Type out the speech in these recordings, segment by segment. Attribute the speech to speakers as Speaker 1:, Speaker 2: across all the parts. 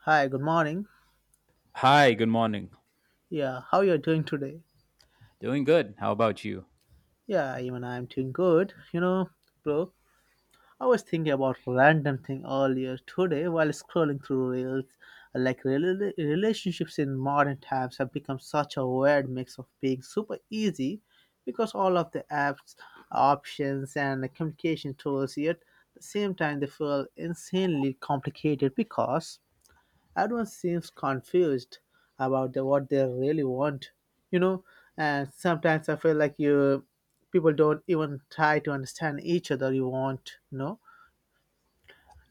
Speaker 1: Hi, good morning.
Speaker 2: Hi, good morning.
Speaker 1: Yeah, how you're doing today?
Speaker 2: Doing good. How about you?
Speaker 1: Yeah, even I'm doing good. You know, bro, I was thinking about random thing earlier today while scrolling through reels. Like relationships in modern times have become such a weird mix of being super easy because all of the apps, options, and communication tools. Yet, at the same time, they feel insanely complicated because everyone seems confused about what they really want, you know. And sometimes I feel like you people don't even try to understand each other. You want, you know.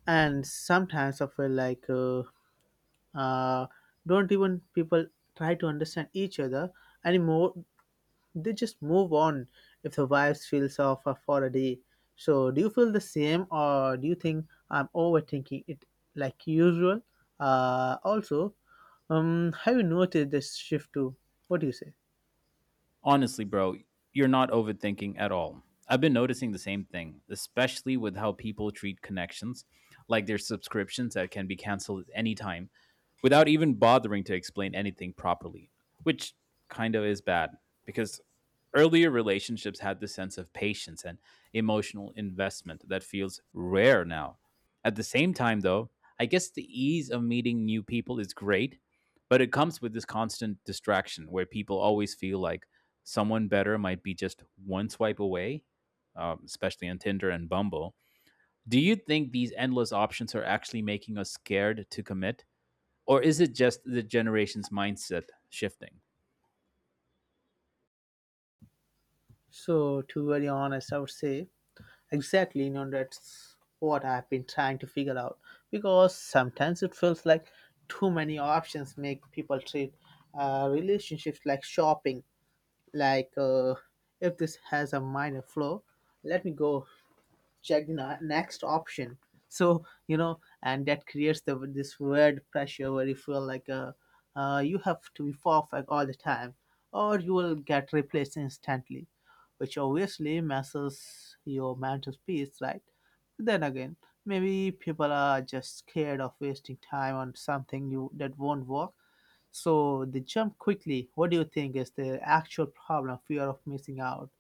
Speaker 1: And sometimes I feel like uh, don't even people try to understand each other anymore. They just move on if the vibes feels off for a day. So do you feel the same or do you think I'm overthinking it like usual? Also, have you noticed this shift too? What do you say?
Speaker 2: Honestly, bro, you're not overthinking at all. I've been noticing the same thing, especially with how people treat connections, like their subscriptions that can be canceled at any time without even bothering to explain anything properly, which kind of is bad because earlier relationships had this sense of patience and emotional investment that feels rare now. At the same time, though, I guess the ease of meeting new people is great, but it comes with this constant distraction where people always feel like someone better might be just one swipe away, especially on Tinder and Bumble. Do you think these endless options are actually making us scared to commit? Or is it just the generation's mindset shifting?
Speaker 1: So to be very honest, I would say exactly, you know, that's what I've been trying to figure out because sometimes it feels like too many options make people treat relationships like shopping, like, if this has a minor flaw, let me go check the next option. So you know, and that creates the this weird pressure where you feel like you have to be perfect all the time or you will get replaced instantly, which obviously messes your mental peace, right? Then again, maybe people are just scared of wasting time on something you that won't work, so they jump quickly. What do you think is the actual problem? Fear of missing out,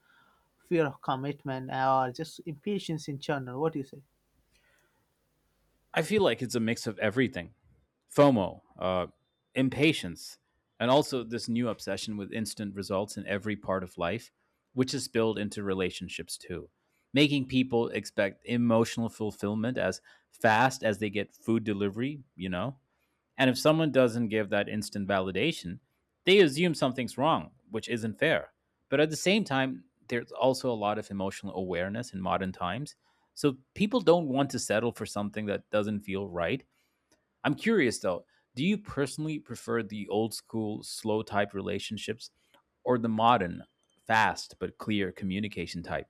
Speaker 1: fear of commitment, or just impatience in general? What do you say?
Speaker 2: I feel like it's a mix of everything FOMO, impatience, and also this new obsession with instant results in every part of life, which is spilled into relationships too, making people expect emotional fulfillment as fast as they get food delivery, you know? And if someone doesn't give that instant validation, they assume something's wrong, which isn't fair. But at the same time, there's also a lot of emotional awareness in modern times. So people don't want to settle for something that doesn't feel right. I'm curious though, do you personally prefer the old school, slow type relationships or the modern, fast but clear communication type?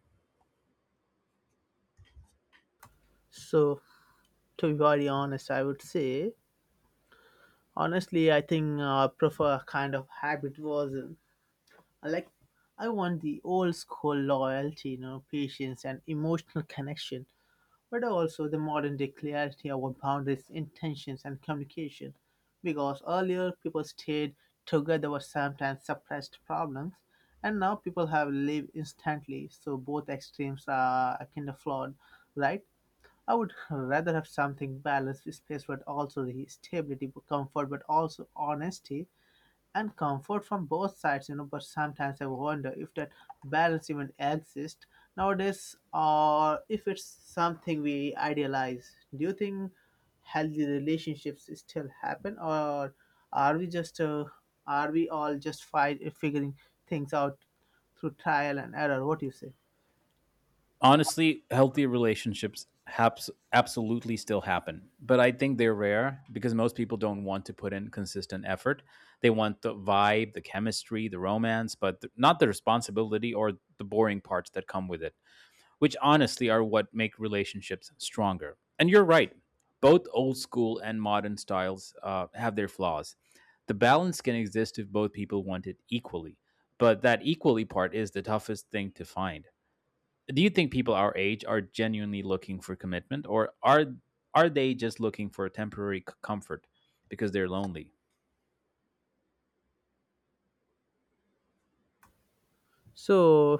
Speaker 1: So, to be very honest, I would say, honestly, I think I prefer a kind of hybrid version. I like, I want the old school loyalty, you know, patience and emotional connection, but also the modern day clarity about boundaries, intentions, and communication. Because earlier people stayed together but sometimes suppressed problems, and now people have lived instantly, so both extremes are kind of flawed, right? I would rather have something balanced with space but also the stability, comfort, but also honesty and comfort from both sides, you know. But sometimes I wonder if that balance even exists nowadays, or if it's something we idealize. Do you think healthy relationships still happen, or are we just are we all just figuring things out through trial and error? What do you say?
Speaker 2: Honestly, healthy relationships haps absolutely still happen, but I think they're rare because most people don't want to put in consistent effort. They want the vibe, the chemistry, the romance, but not the responsibility or the boring parts that come with it, which honestly are what make relationships stronger. And you're right, both old school and modern styles have their flaws. The balance can exist if both people want it equally, but that equally part is the toughest thing to find. Do you think people our age are genuinely looking for commitment, or are they just looking for a temporary comfort because they're lonely?
Speaker 1: So,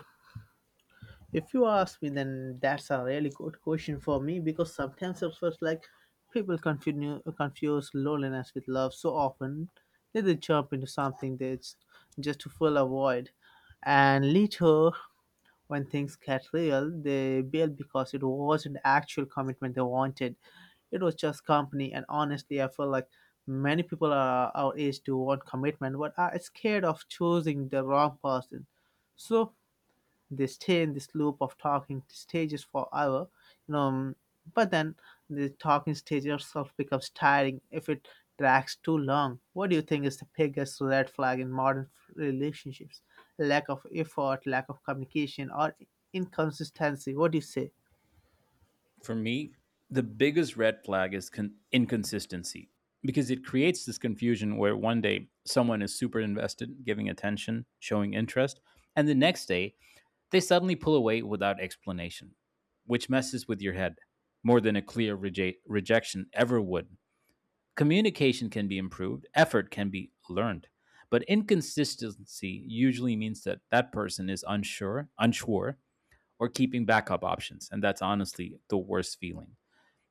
Speaker 1: if you ask me, then that's a really good question for me because sometimes it feels like people confuse loneliness with love so often that they jump into something that's just to fill a void. And later, when things get real, they bail because it wasn't actual commitment they wanted. It was just company. And honestly, I feel like many people are our age do want commitment but are scared of choosing the wrong person. So they stay in this loop of talking stages forever, you know. But then the talking stage itself becomes tiring if it drags too long. What do you think is the biggest red flag in modern relationships? Lack of effort, lack of communication, or inconsistency? What do you say?
Speaker 2: For me, the biggest red flag is inconsistency, because it creates this confusion where one day someone is super invested, giving attention, showing interest, and the next day they suddenly pull away without explanation, which messes with your head more than a clear rejection ever would. Communication can be improved, effort can be learned, but inconsistency usually means that that person is unsure, or keeping backup options, and that's honestly the worst feeling.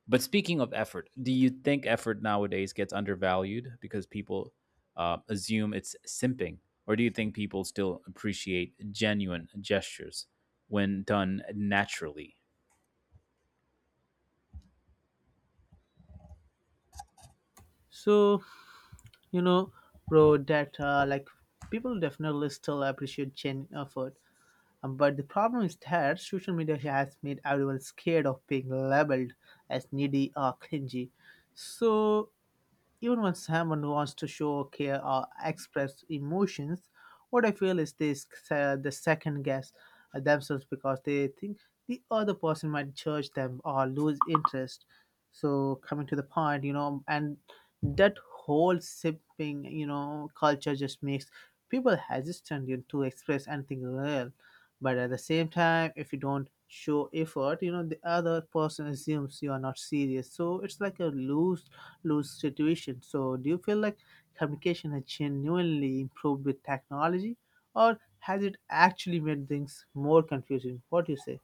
Speaker 2: But speaking of effort, do you think effort nowadays gets undervalued because people assume it's simping, or do you think people still appreciate genuine gestures when done naturally?
Speaker 1: So you know, bro, that like, people definitely still appreciate genuine effort. But the problem is that social media has made everyone scared of being labeled as needy or clingy. So even when someone wants to show care or express emotions, what I feel is this: the second guess themselves because they think the other person might judge them or lose interest. So coming to the point, you know, and that whole sipping, you know, culture just makes people hesitant, you know, to express anything real. But at the same time, if you don't show effort, you know, the other person assumes you are not serious, so it's like a lose lose situation. So do you feel like communication has genuinely improved with technology, or has it actually made things more confusing? What do you say?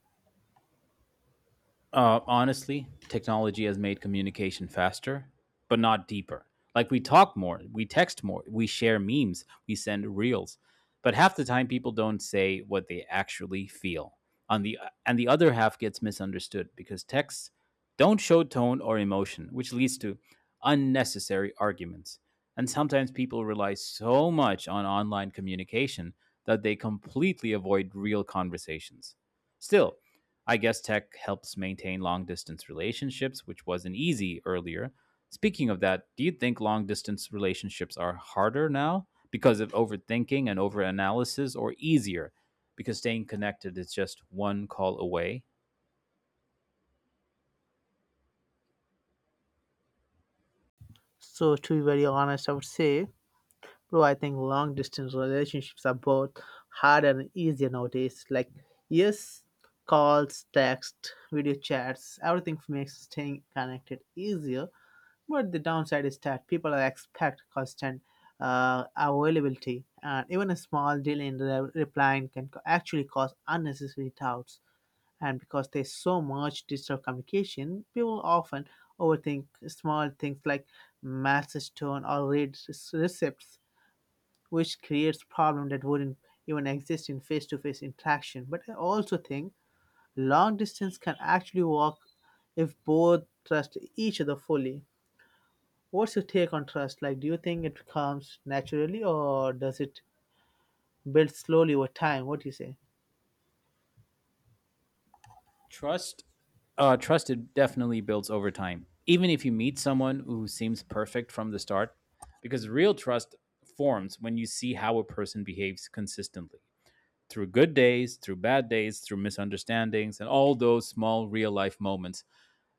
Speaker 2: Honestly, technology has made communication faster, but not deeper. Like, we talk more, we text more, we share memes, we send reels, but half the time people don't say what they actually feel. On the and the other half gets misunderstood because texts don't show tone or emotion, which leads to unnecessary arguments. And sometimes people rely so much on online communication that they completely avoid real conversations. Still, I guess tech helps maintain long distance relationships, which wasn't easy earlier. Speaking of that, do you think long distance relationships are harder now because of overthinking and overanalysis, or easier because staying connected is just one call away?
Speaker 1: So to be very honest, I would say, bro, I think long distance relationships are both harder and easier nowadays. Like, yes, calls, text, video chats, everything makes staying connected easier. But the downside is that people expect constant availability, and even a small delay in replying can actually cause unnecessary doubts. And because there's so much digital communication, people often overthink small things like message tone or read receipts, which creates problem that wouldn't even exist in face-to-face interaction. But I also think long distance can actually work if both trust each other fully. What's your take on trust? Like, do you think it comes naturally or does it build slowly over time? What do you say?
Speaker 2: Trust trust it definitely builds over time, even if you meet someone who seems perfect from the start, because real trust forms when you see how a person behaves consistently, through good days, through bad days, through misunderstandings, and all those small real life moments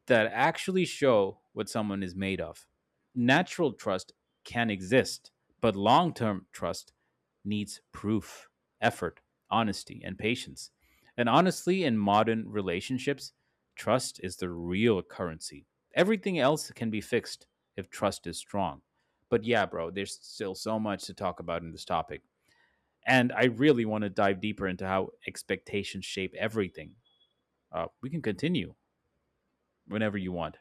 Speaker 2: that actually show what someone is made of. Natural trust can exist, but long term trust needs proof, effort, honesty, and patience. And honestly, in modern relationships, trust is the real currency. Everything else can be fixed if trust is strong. But yeah, bro, there's still so much to talk about in this topic. And I really want to dive deeper into how expectations shape everything. We can continue whenever you want.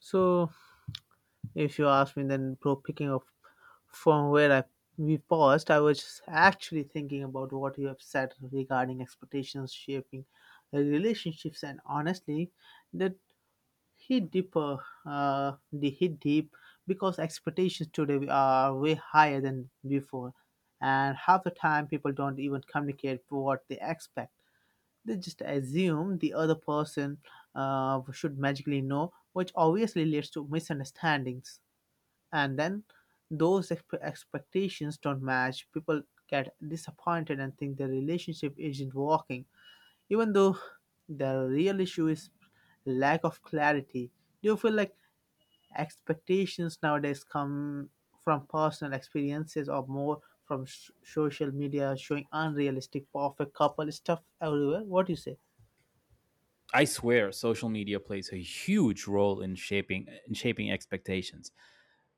Speaker 1: So, if you ask me, then bro, picking up from where I we paused, I was actually thinking about what you have said regarding expectations shaping relationships, and honestly, that hit deeper hit deep because expectations today are way higher than before, and half the time people don't even communicate what they expect. They just assume the other person should magically know, which obviously leads to misunderstandings. And then those expectations don't match, people get disappointed and think the relationship isn't working, even though the real issue is lack of clarity. Do you feel like expectations nowadays come from personal experiences, or more from social media showing unrealistic perfect couple stuff everywhere? What do you say?
Speaker 2: I swear social media plays a huge role in shaping expectations.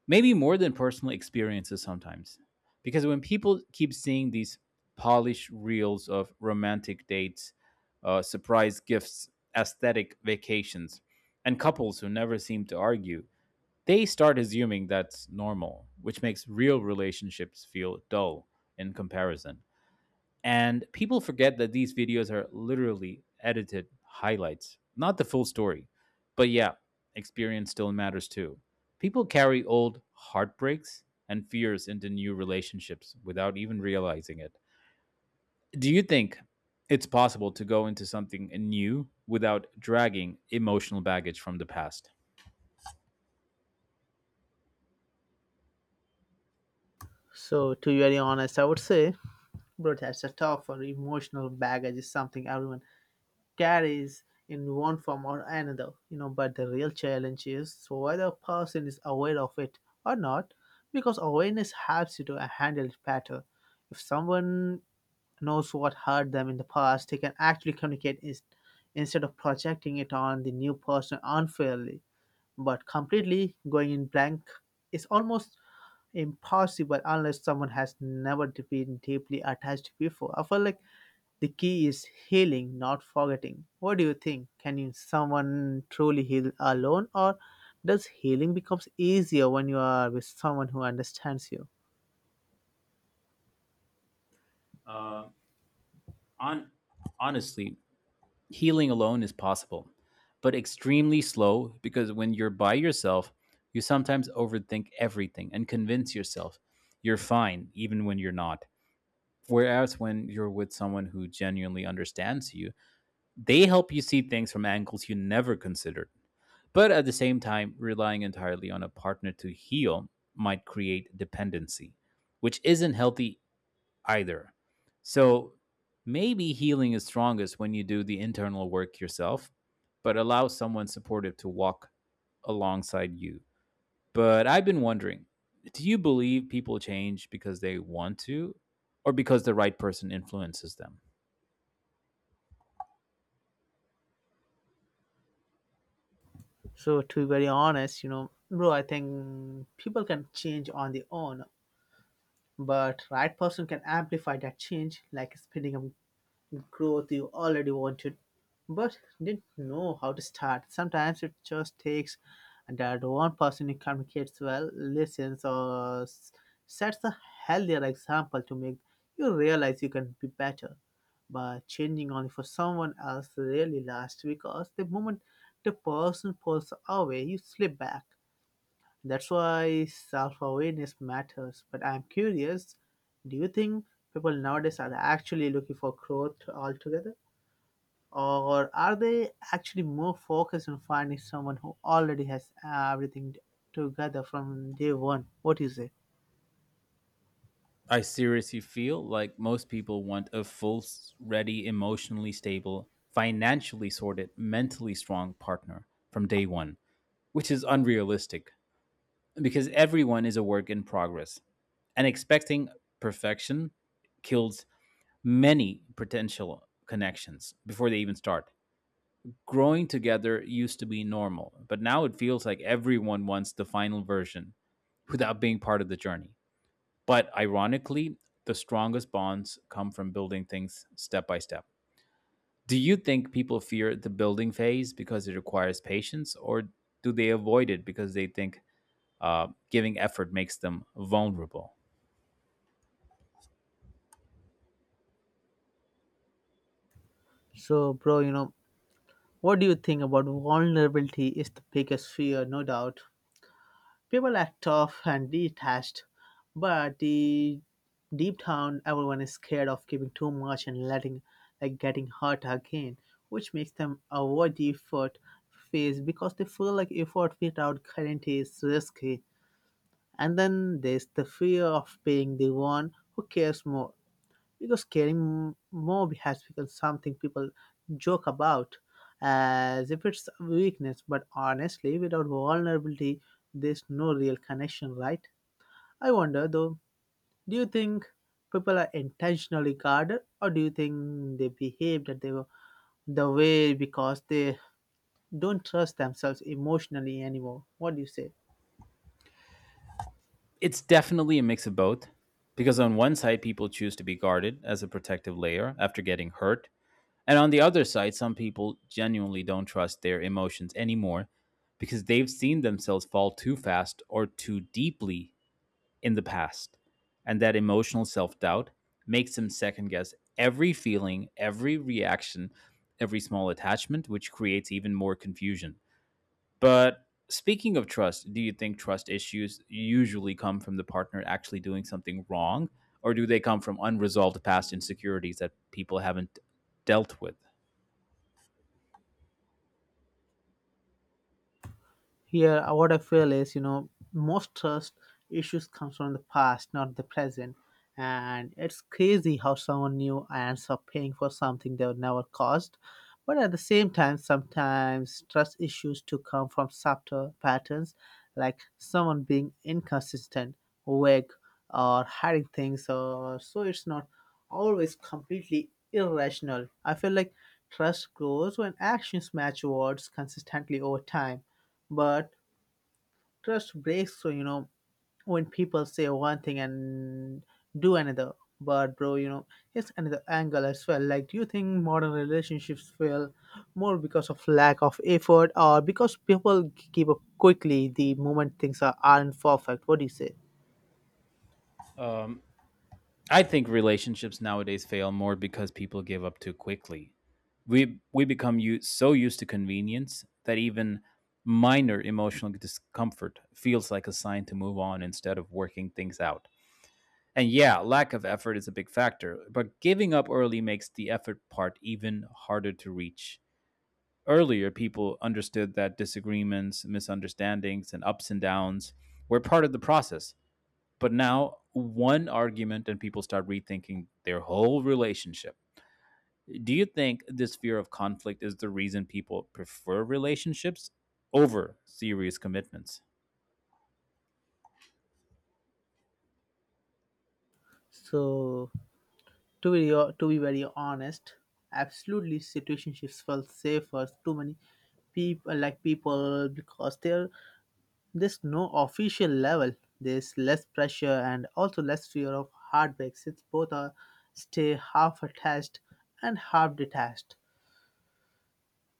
Speaker 2: Maybe more than personal experiences sometimes. Because when people keep seeing these polished reels of romantic dates, surprise gifts, aesthetic vacations, and couples who never seem to argue, they start assuming that's normal, which makes real relationships feel dull in comparison. And people forget that these videos are literally edited highlights, not the full story. But yeah, experience still matters too. People carry old heartbreaks and fears into new relationships without even realizing it. Do you think it's possible to go into something new without dragging emotional baggage from the past?
Speaker 1: So, to be very honest, I would say, bro, that's a tough or emotional baggage is something everyone carries in one form or another, you know. But the real challenge is so whether a person is aware of it or not, because awareness helps you to handle it better. If someone knows what hurt them in the past, they can actually communicate is, instead of projecting it on the new person unfairly. But completely going in blank is almost impossible unless someone has never been deeply attached before. I feel like the key is healing, not forgetting. What do you think? Can you, someone truly heal alone, or does healing becomes easier when you are with someone who understands you?
Speaker 2: Uh, on honestly, healing alone is possible, but extremely slow, because when you're by yourself, you sometimes overthink everything and convince yourself you're fine even when you're not. Whereas when you're with someone who genuinely understands you, they help you see things from angles you never considered. But at the same time, relying entirely on a partner to heal might create dependency, which isn't healthy either. So maybe healing is strongest when you do the internal work yourself, but allow someone supportive to walk alongside you. But I've been wondering, do you believe people change because they want to, or because the right person influences them?
Speaker 1: So to be very honest, you know, bro, I think people can change on their own, but right person can amplify that change, like speeding up growth you already wanted but didn't know how to start. Sometimes it just takes that one person who communicates well, listens, or sets a healthier example to make you realize you can be better. But changing only for someone else really lasts because the moment the person pulls away, you slip back. That's why self awareness matters. But I'm curious, do you think people nowadays are actually looking for growth altogether? Or are they actually more focused on finding someone who already has everything together from day one? What is it?
Speaker 2: I seriously feel like most people want a full, ready, emotionally stable, financially sorted, mentally strong partner from day one, which is unrealistic because everyone is a work in progress, and expecting perfection kills many potential connections before they even start. Growing together used to be normal, but now it feels like everyone wants the final version without being part of the journey. But ironically, the strongest bonds come from building things step by step. Do you think people fear the building phase because it requires patience, or do they avoid it because they think giving effort makes them vulnerable?
Speaker 1: So, bro, you know, what do you think about vulnerability is the biggest fear, no doubt? People act tough and detached, but the deep down everyone is scared of giving too much and letting like getting hurt again, which makes them avoid the effort phase because they feel like effort without guarantee is risky. And then there's the fear of being the one who cares more, because caring more has become something people joke about as if it's a weakness. But honestly, without vulnerability there's no real connection, right? I wonder though, do you think people are intentionally guarded, or do you think they behave that they were the way because they don't trust themselves emotionally anymore? What do you say?
Speaker 2: It's definitely a mix of both, because on one side, people choose to be guarded as a protective layer after getting hurt. And on the other side, some people genuinely don't trust their emotions anymore because they've seen themselves fall too fast or too deeply in the past. And that emotional self doubt makes them second guess every feeling, every reaction, every small attachment, which creates even more confusion. But speaking of trust, do you think trust issues usually come from the partner actually doing something wrong, or do they come from unresolved past insecurities that people haven't dealt with?
Speaker 1: Here, what I feel is, you know, most trust issues comes from the past, not the present. And it's crazy how someone new ends up paying for something they would never caused. But at the same time, sometimes trust issues to come from subtle patterns, like someone being inconsistent, vague, or hiding things. Or so it's not always completely irrational. I feel like trust grows when actions match words consistently over time. But trust breaks through, you know, when people say one thing and do another. But bro, you know, here's another angle as well. Like, do you think modern relationships fail more because of lack of effort, or because people give up quickly the moment aren't perfect? What do you say?
Speaker 2: I think relationships nowadays fail more because people give up too quickly. We become so used to convenience that even minor emotional discomfort feels like a sign to move on instead of working things out. And yeah, lack of effort is a big factor, but giving up early makes the effort part even harder to reach. Earlier, people understood that disagreements, misunderstandings, and ups and downs were part of the process. But now, one argument and people start rethinking their whole relationship. Do you think this fear of conflict is the reason people prefer relationships over serious commitments?
Speaker 1: So, to be very honest, absolutely situationships felt safer. Too many people like people because they're there's no official level. There's less pressure and also less fear of heartbreak since both are stay half attached and half detached.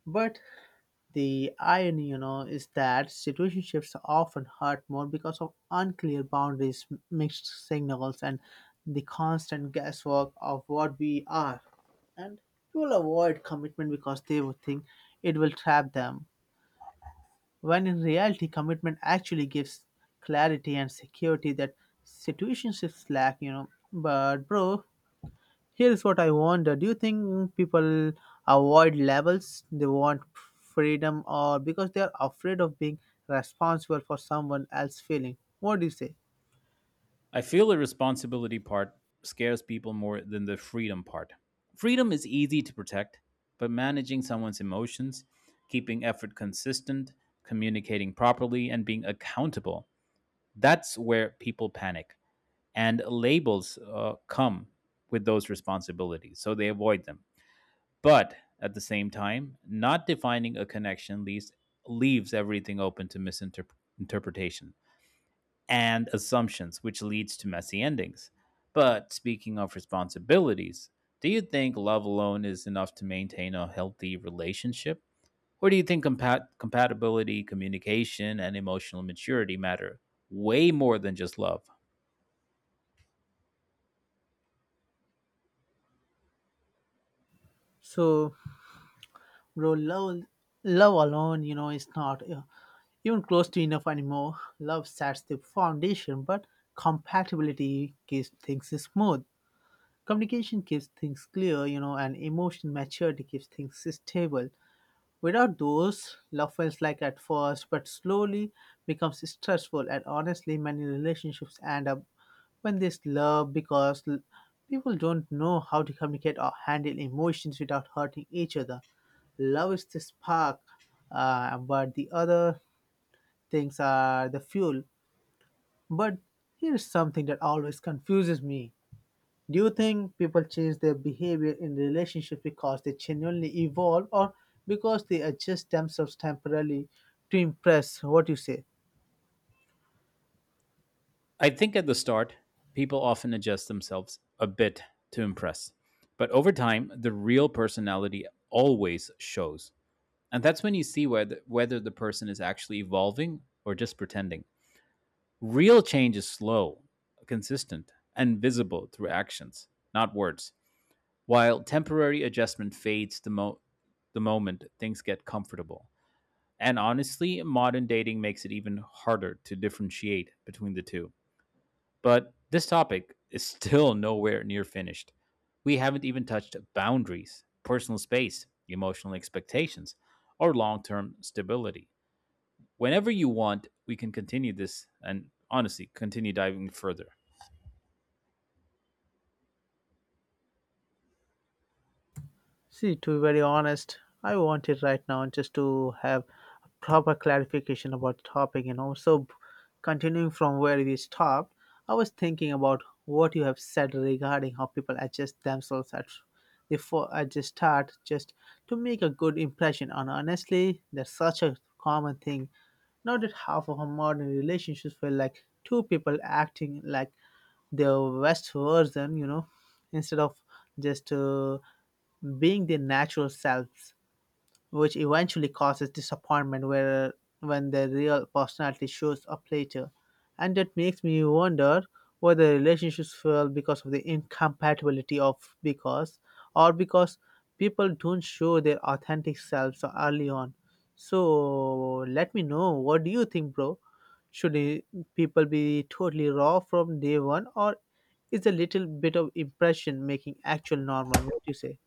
Speaker 1: But the irony, you know, is that situationships often hurt more because of unclear boundaries, mixed signals, and the constant guesswork of what we are. And people avoid commitment because they would think it will trap them. When in reality commitment actually gives clarity and security that situationships lack, you know. But bro, here's what I wonder. Do you think people avoid levels they want freedom or because they are afraid of being responsible for someone else's feeling? What do you say?
Speaker 2: I feel the responsibility part scares people more than the freedom part. Freedom is easy to protect, but managing someone's emotions, keeping effort consistent, communicating properly, and being accountable, that's where people panic. And labels come with those responsibilities, so they avoid them. But at the same time, not defining a connection leaves everything open to misinterpretation and assumptions, which leads to messy endings. But speaking of responsibilities, do you think love alone is enough to maintain a healthy relationship? Or do you think compatibility, communication, and emotional maturity matter way more than just love?
Speaker 1: So bro, love, love alone, you know, is not even close to enough anymore. Love sets the foundation, but compatibility keeps things smooth. Communication keeps things clear, you know, and emotional maturity keeps things stable. Without those, love feels like at first, but slowly becomes stressful. And honestly, many relationships end up when there's love because people don't know how to communicate or handle emotions without hurting each other. Love is the spark, but the other things are the fuel. But here's something that always confuses me. Do you think people change their behavior in relationships because they genuinely evolve, or because they adjust themselves temporarily to impress? What do you say?
Speaker 2: I think at the start, people often adjust themselves a bit to impress. But over time, the real personality always shows. And that's when you see whether the person is actually evolving or just pretending. Real change is slow, consistent, and visible through actions, not words, while temporary adjustment fades the moment things get comfortable. And honestly, modern dating makes it even harder to differentiate between the two. But this topic is still nowhere near finished. We haven't even touched boundaries, personal space, emotional expectations, or long term stability. Whenever you want, we can continue this and honestly continue diving further.
Speaker 1: See, to be very honest, I want it right now just to have a proper clarification about topic, you know. Continuing from where we stopped, I was thinking about what you have said regarding how people adjust themselves at before I just start just to make a good impression. And honestly, that's such a common thing. Now that half of our modern relationships feel like two people acting like their best version, you know, instead of just being their natural selves, which eventually causes disappointment where, when their real personality shows up later. And that makes me wonder whether relationships fail because of the incompatibility of because or because people don't show their authentic selves early on. So let me know, what do you think, bro? Should i- people be totally raw from day one, or is a little bit of impression making actual normal? What do you say?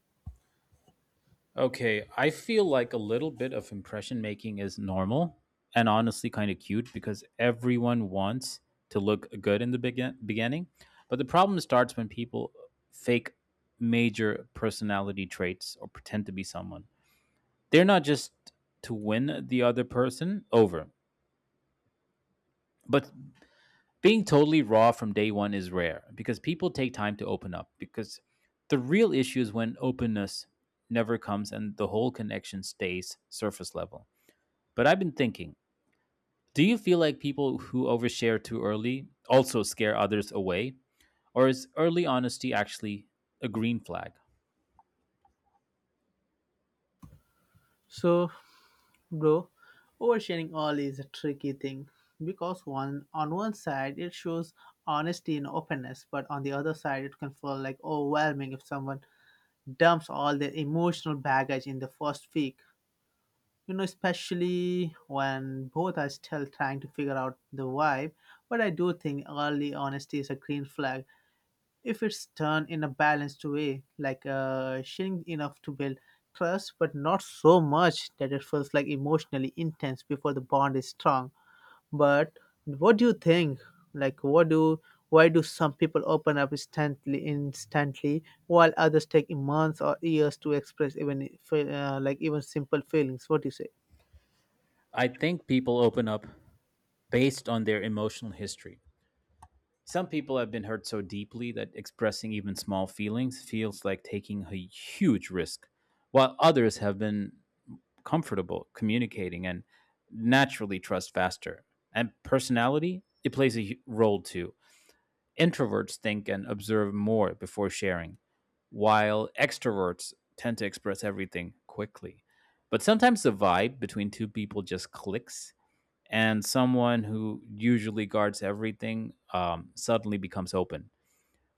Speaker 2: Okay, I feel like a little bit of impression making is normal and honestly kind of cute because everyone wants to look good in the beginning. But the problem starts when people fake major personality traits or pretend to be someone they're not, just to win the other person over. But being totally raw from day one is rare because people take time to open up. Because the real issue is when openness never comes and the whole connection stays surface level. But I've been thinking, do you feel like people who overshare too early also scare others away? Or is early honesty actually a green flag?
Speaker 1: So bro, oversharing all is a tricky thing because one on one side it shows honesty and openness, but on the other side it can feel like overwhelming if someone dumps all their emotional baggage in the first week. You know, especially when both are still trying to figure out the vibe. But I do think early honesty is a green flag if it's done in a balanced way, like sharing enough to build trust, but not so much that it feels like emotionally intense before the bond is strong. But what do you think? Like, what do Why do some people open up instantly, while others take months or years to express even if, like even simple feelings? What do you say?
Speaker 2: I think people open up based on their emotional history. Some people have been hurt so deeply that expressing even small feelings feels like taking a huge risk, while others have been comfortable communicating and naturally trust faster. And personality, it plays a role too. Introverts think and observe more before sharing, while extroverts tend to express everything quickly. But sometimes the vibe between two people just clicks, and someone who usually guards everything suddenly becomes open.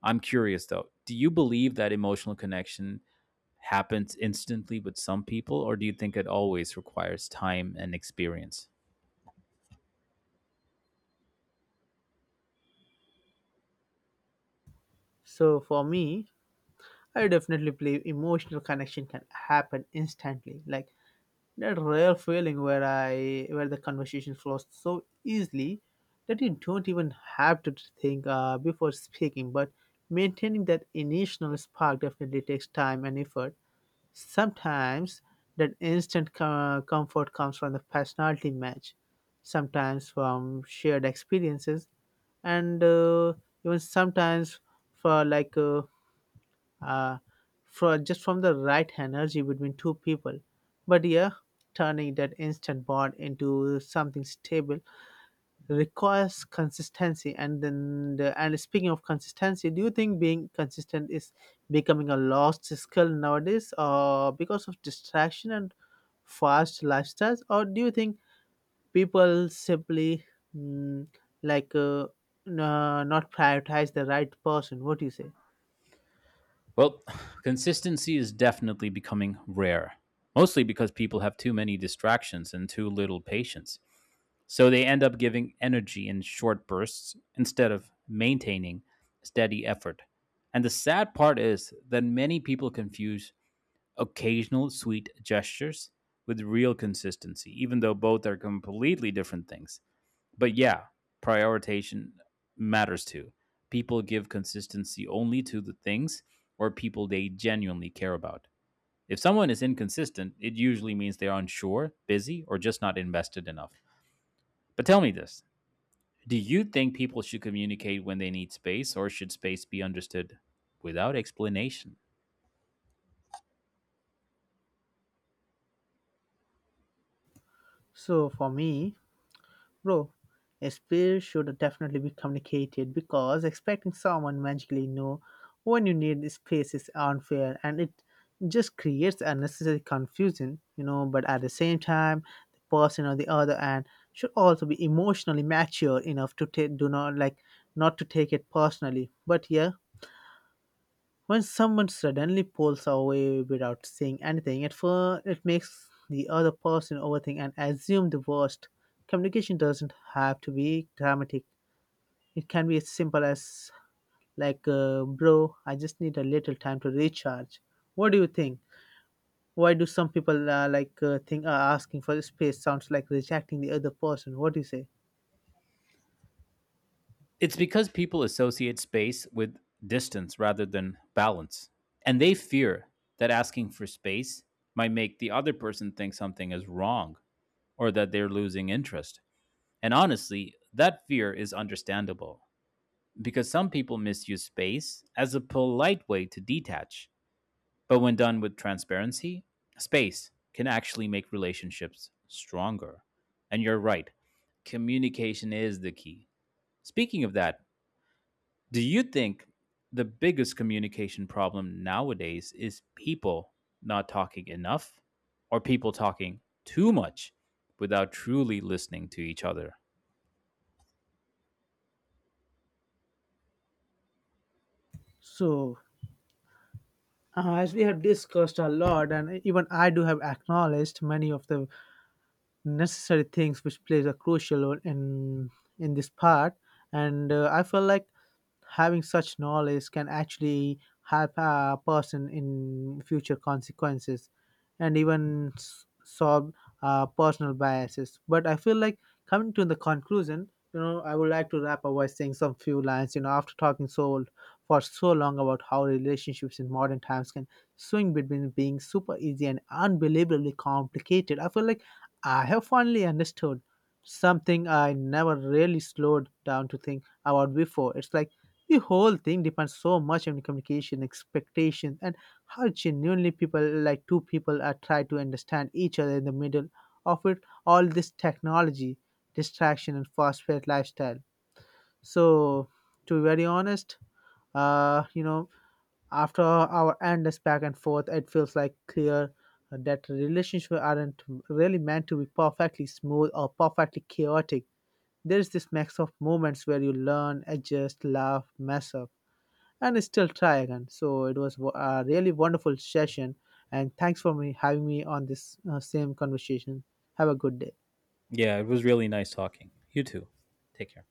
Speaker 2: I'm curious though, do you believe that emotional connection happens instantly with some people, or do you think it always requires time and experience?
Speaker 1: So for me, I definitely believe emotional connection can happen instantly, like that rare feeling where the conversation flows so easily that you don't even have to think before speaking, but maintaining that initial spark definitely takes time and effort. Sometimes that instant comfort comes from the personality match, sometimes from shared experiences, and even sometimes for like uh, for just from the right energy between two people. But yeah, turning that instant bond into something stable requires consistency. And speaking of consistency, do you think being consistent is becoming a lost skill nowadays, or because of distraction and fast lifestyles, or do you think people simply mm, like uh, not prioritize the right person? What do you say?
Speaker 2: Well, consistency is definitely becoming rare, mostly because people have too many distractions and too little patience. So they end up giving energy in short bursts instead of maintaining steady effort. And the sad part is that many people confuse occasional sweet gestures with real consistency, even though both are completely different things. But yeah, prioritization matters too. People give consistency only to the things or people they genuinely care about. If someone is inconsistent, it usually means they're unsure, busy, or just not invested enough. But tell me this, do you think people should communicate when they need space, or should space be understood without explanation?
Speaker 1: So for me, bro, a spirit should definitely be communicated because expecting someone magically know when you need space is unfair, and it just creates unnecessary confusion, you know. But at the same time, the person on the other end should also be emotionally mature enough to take do not like not to take it personally. But yeah, when someone suddenly pulls away without saying anything, it it makes the other person overthink and assume the worst. Communication doesn't have to be dramatic, it can be as simple as, bro, I just need a little time to recharge. What do you think? Why do some people think asking for space sounds like rejecting the other person? What do you say?
Speaker 2: It's because people associate space with distance rather than balance, and they fear that asking for space might make the other person think something is wrong or that they're losing interest. And honestly, that fear is understandable because some people misuse space as a polite way to detach. But when done with transparency, space can actually make relationships stronger. And you're right, communication is the key. Speaking of that, do you think the biggest communication problem nowadays is people not talking enough, or people talking too much without truly listening to each other?
Speaker 1: So, as we have discussed a lot, and even I do have acknowledged many of the necessary things which plays a crucial role in this part, and I feel like having such knowledge can actually help a person in future consequences and even solve personal biases. But I feel like coming to the conclusion, you know, I would like to wrap up by saying some few lines, you know. After talking so for so long about how relationships in modern times can swing between being super easy and unbelievably complicated, I feel like I have finally understood something I never really slowed down to think about before. It's like the whole thing depends so much on communication, expectations, and how genuinely people, like two people, are trying to understand each other in the middle of it. All this technology, distraction, and fast-paced lifestyle. So, to be very honest, you know, after our endless back and forth, it feels like clear that relationships aren't really meant to be perfectly smooth or perfectly chaotic. There is this mix of moments where you learn, adjust, laugh, mess up, and still try again. So it was a really wonderful session, and thanks for me on this same conversation. Have a good day.
Speaker 2: Yeah, it was really nice talking. You too. Take care.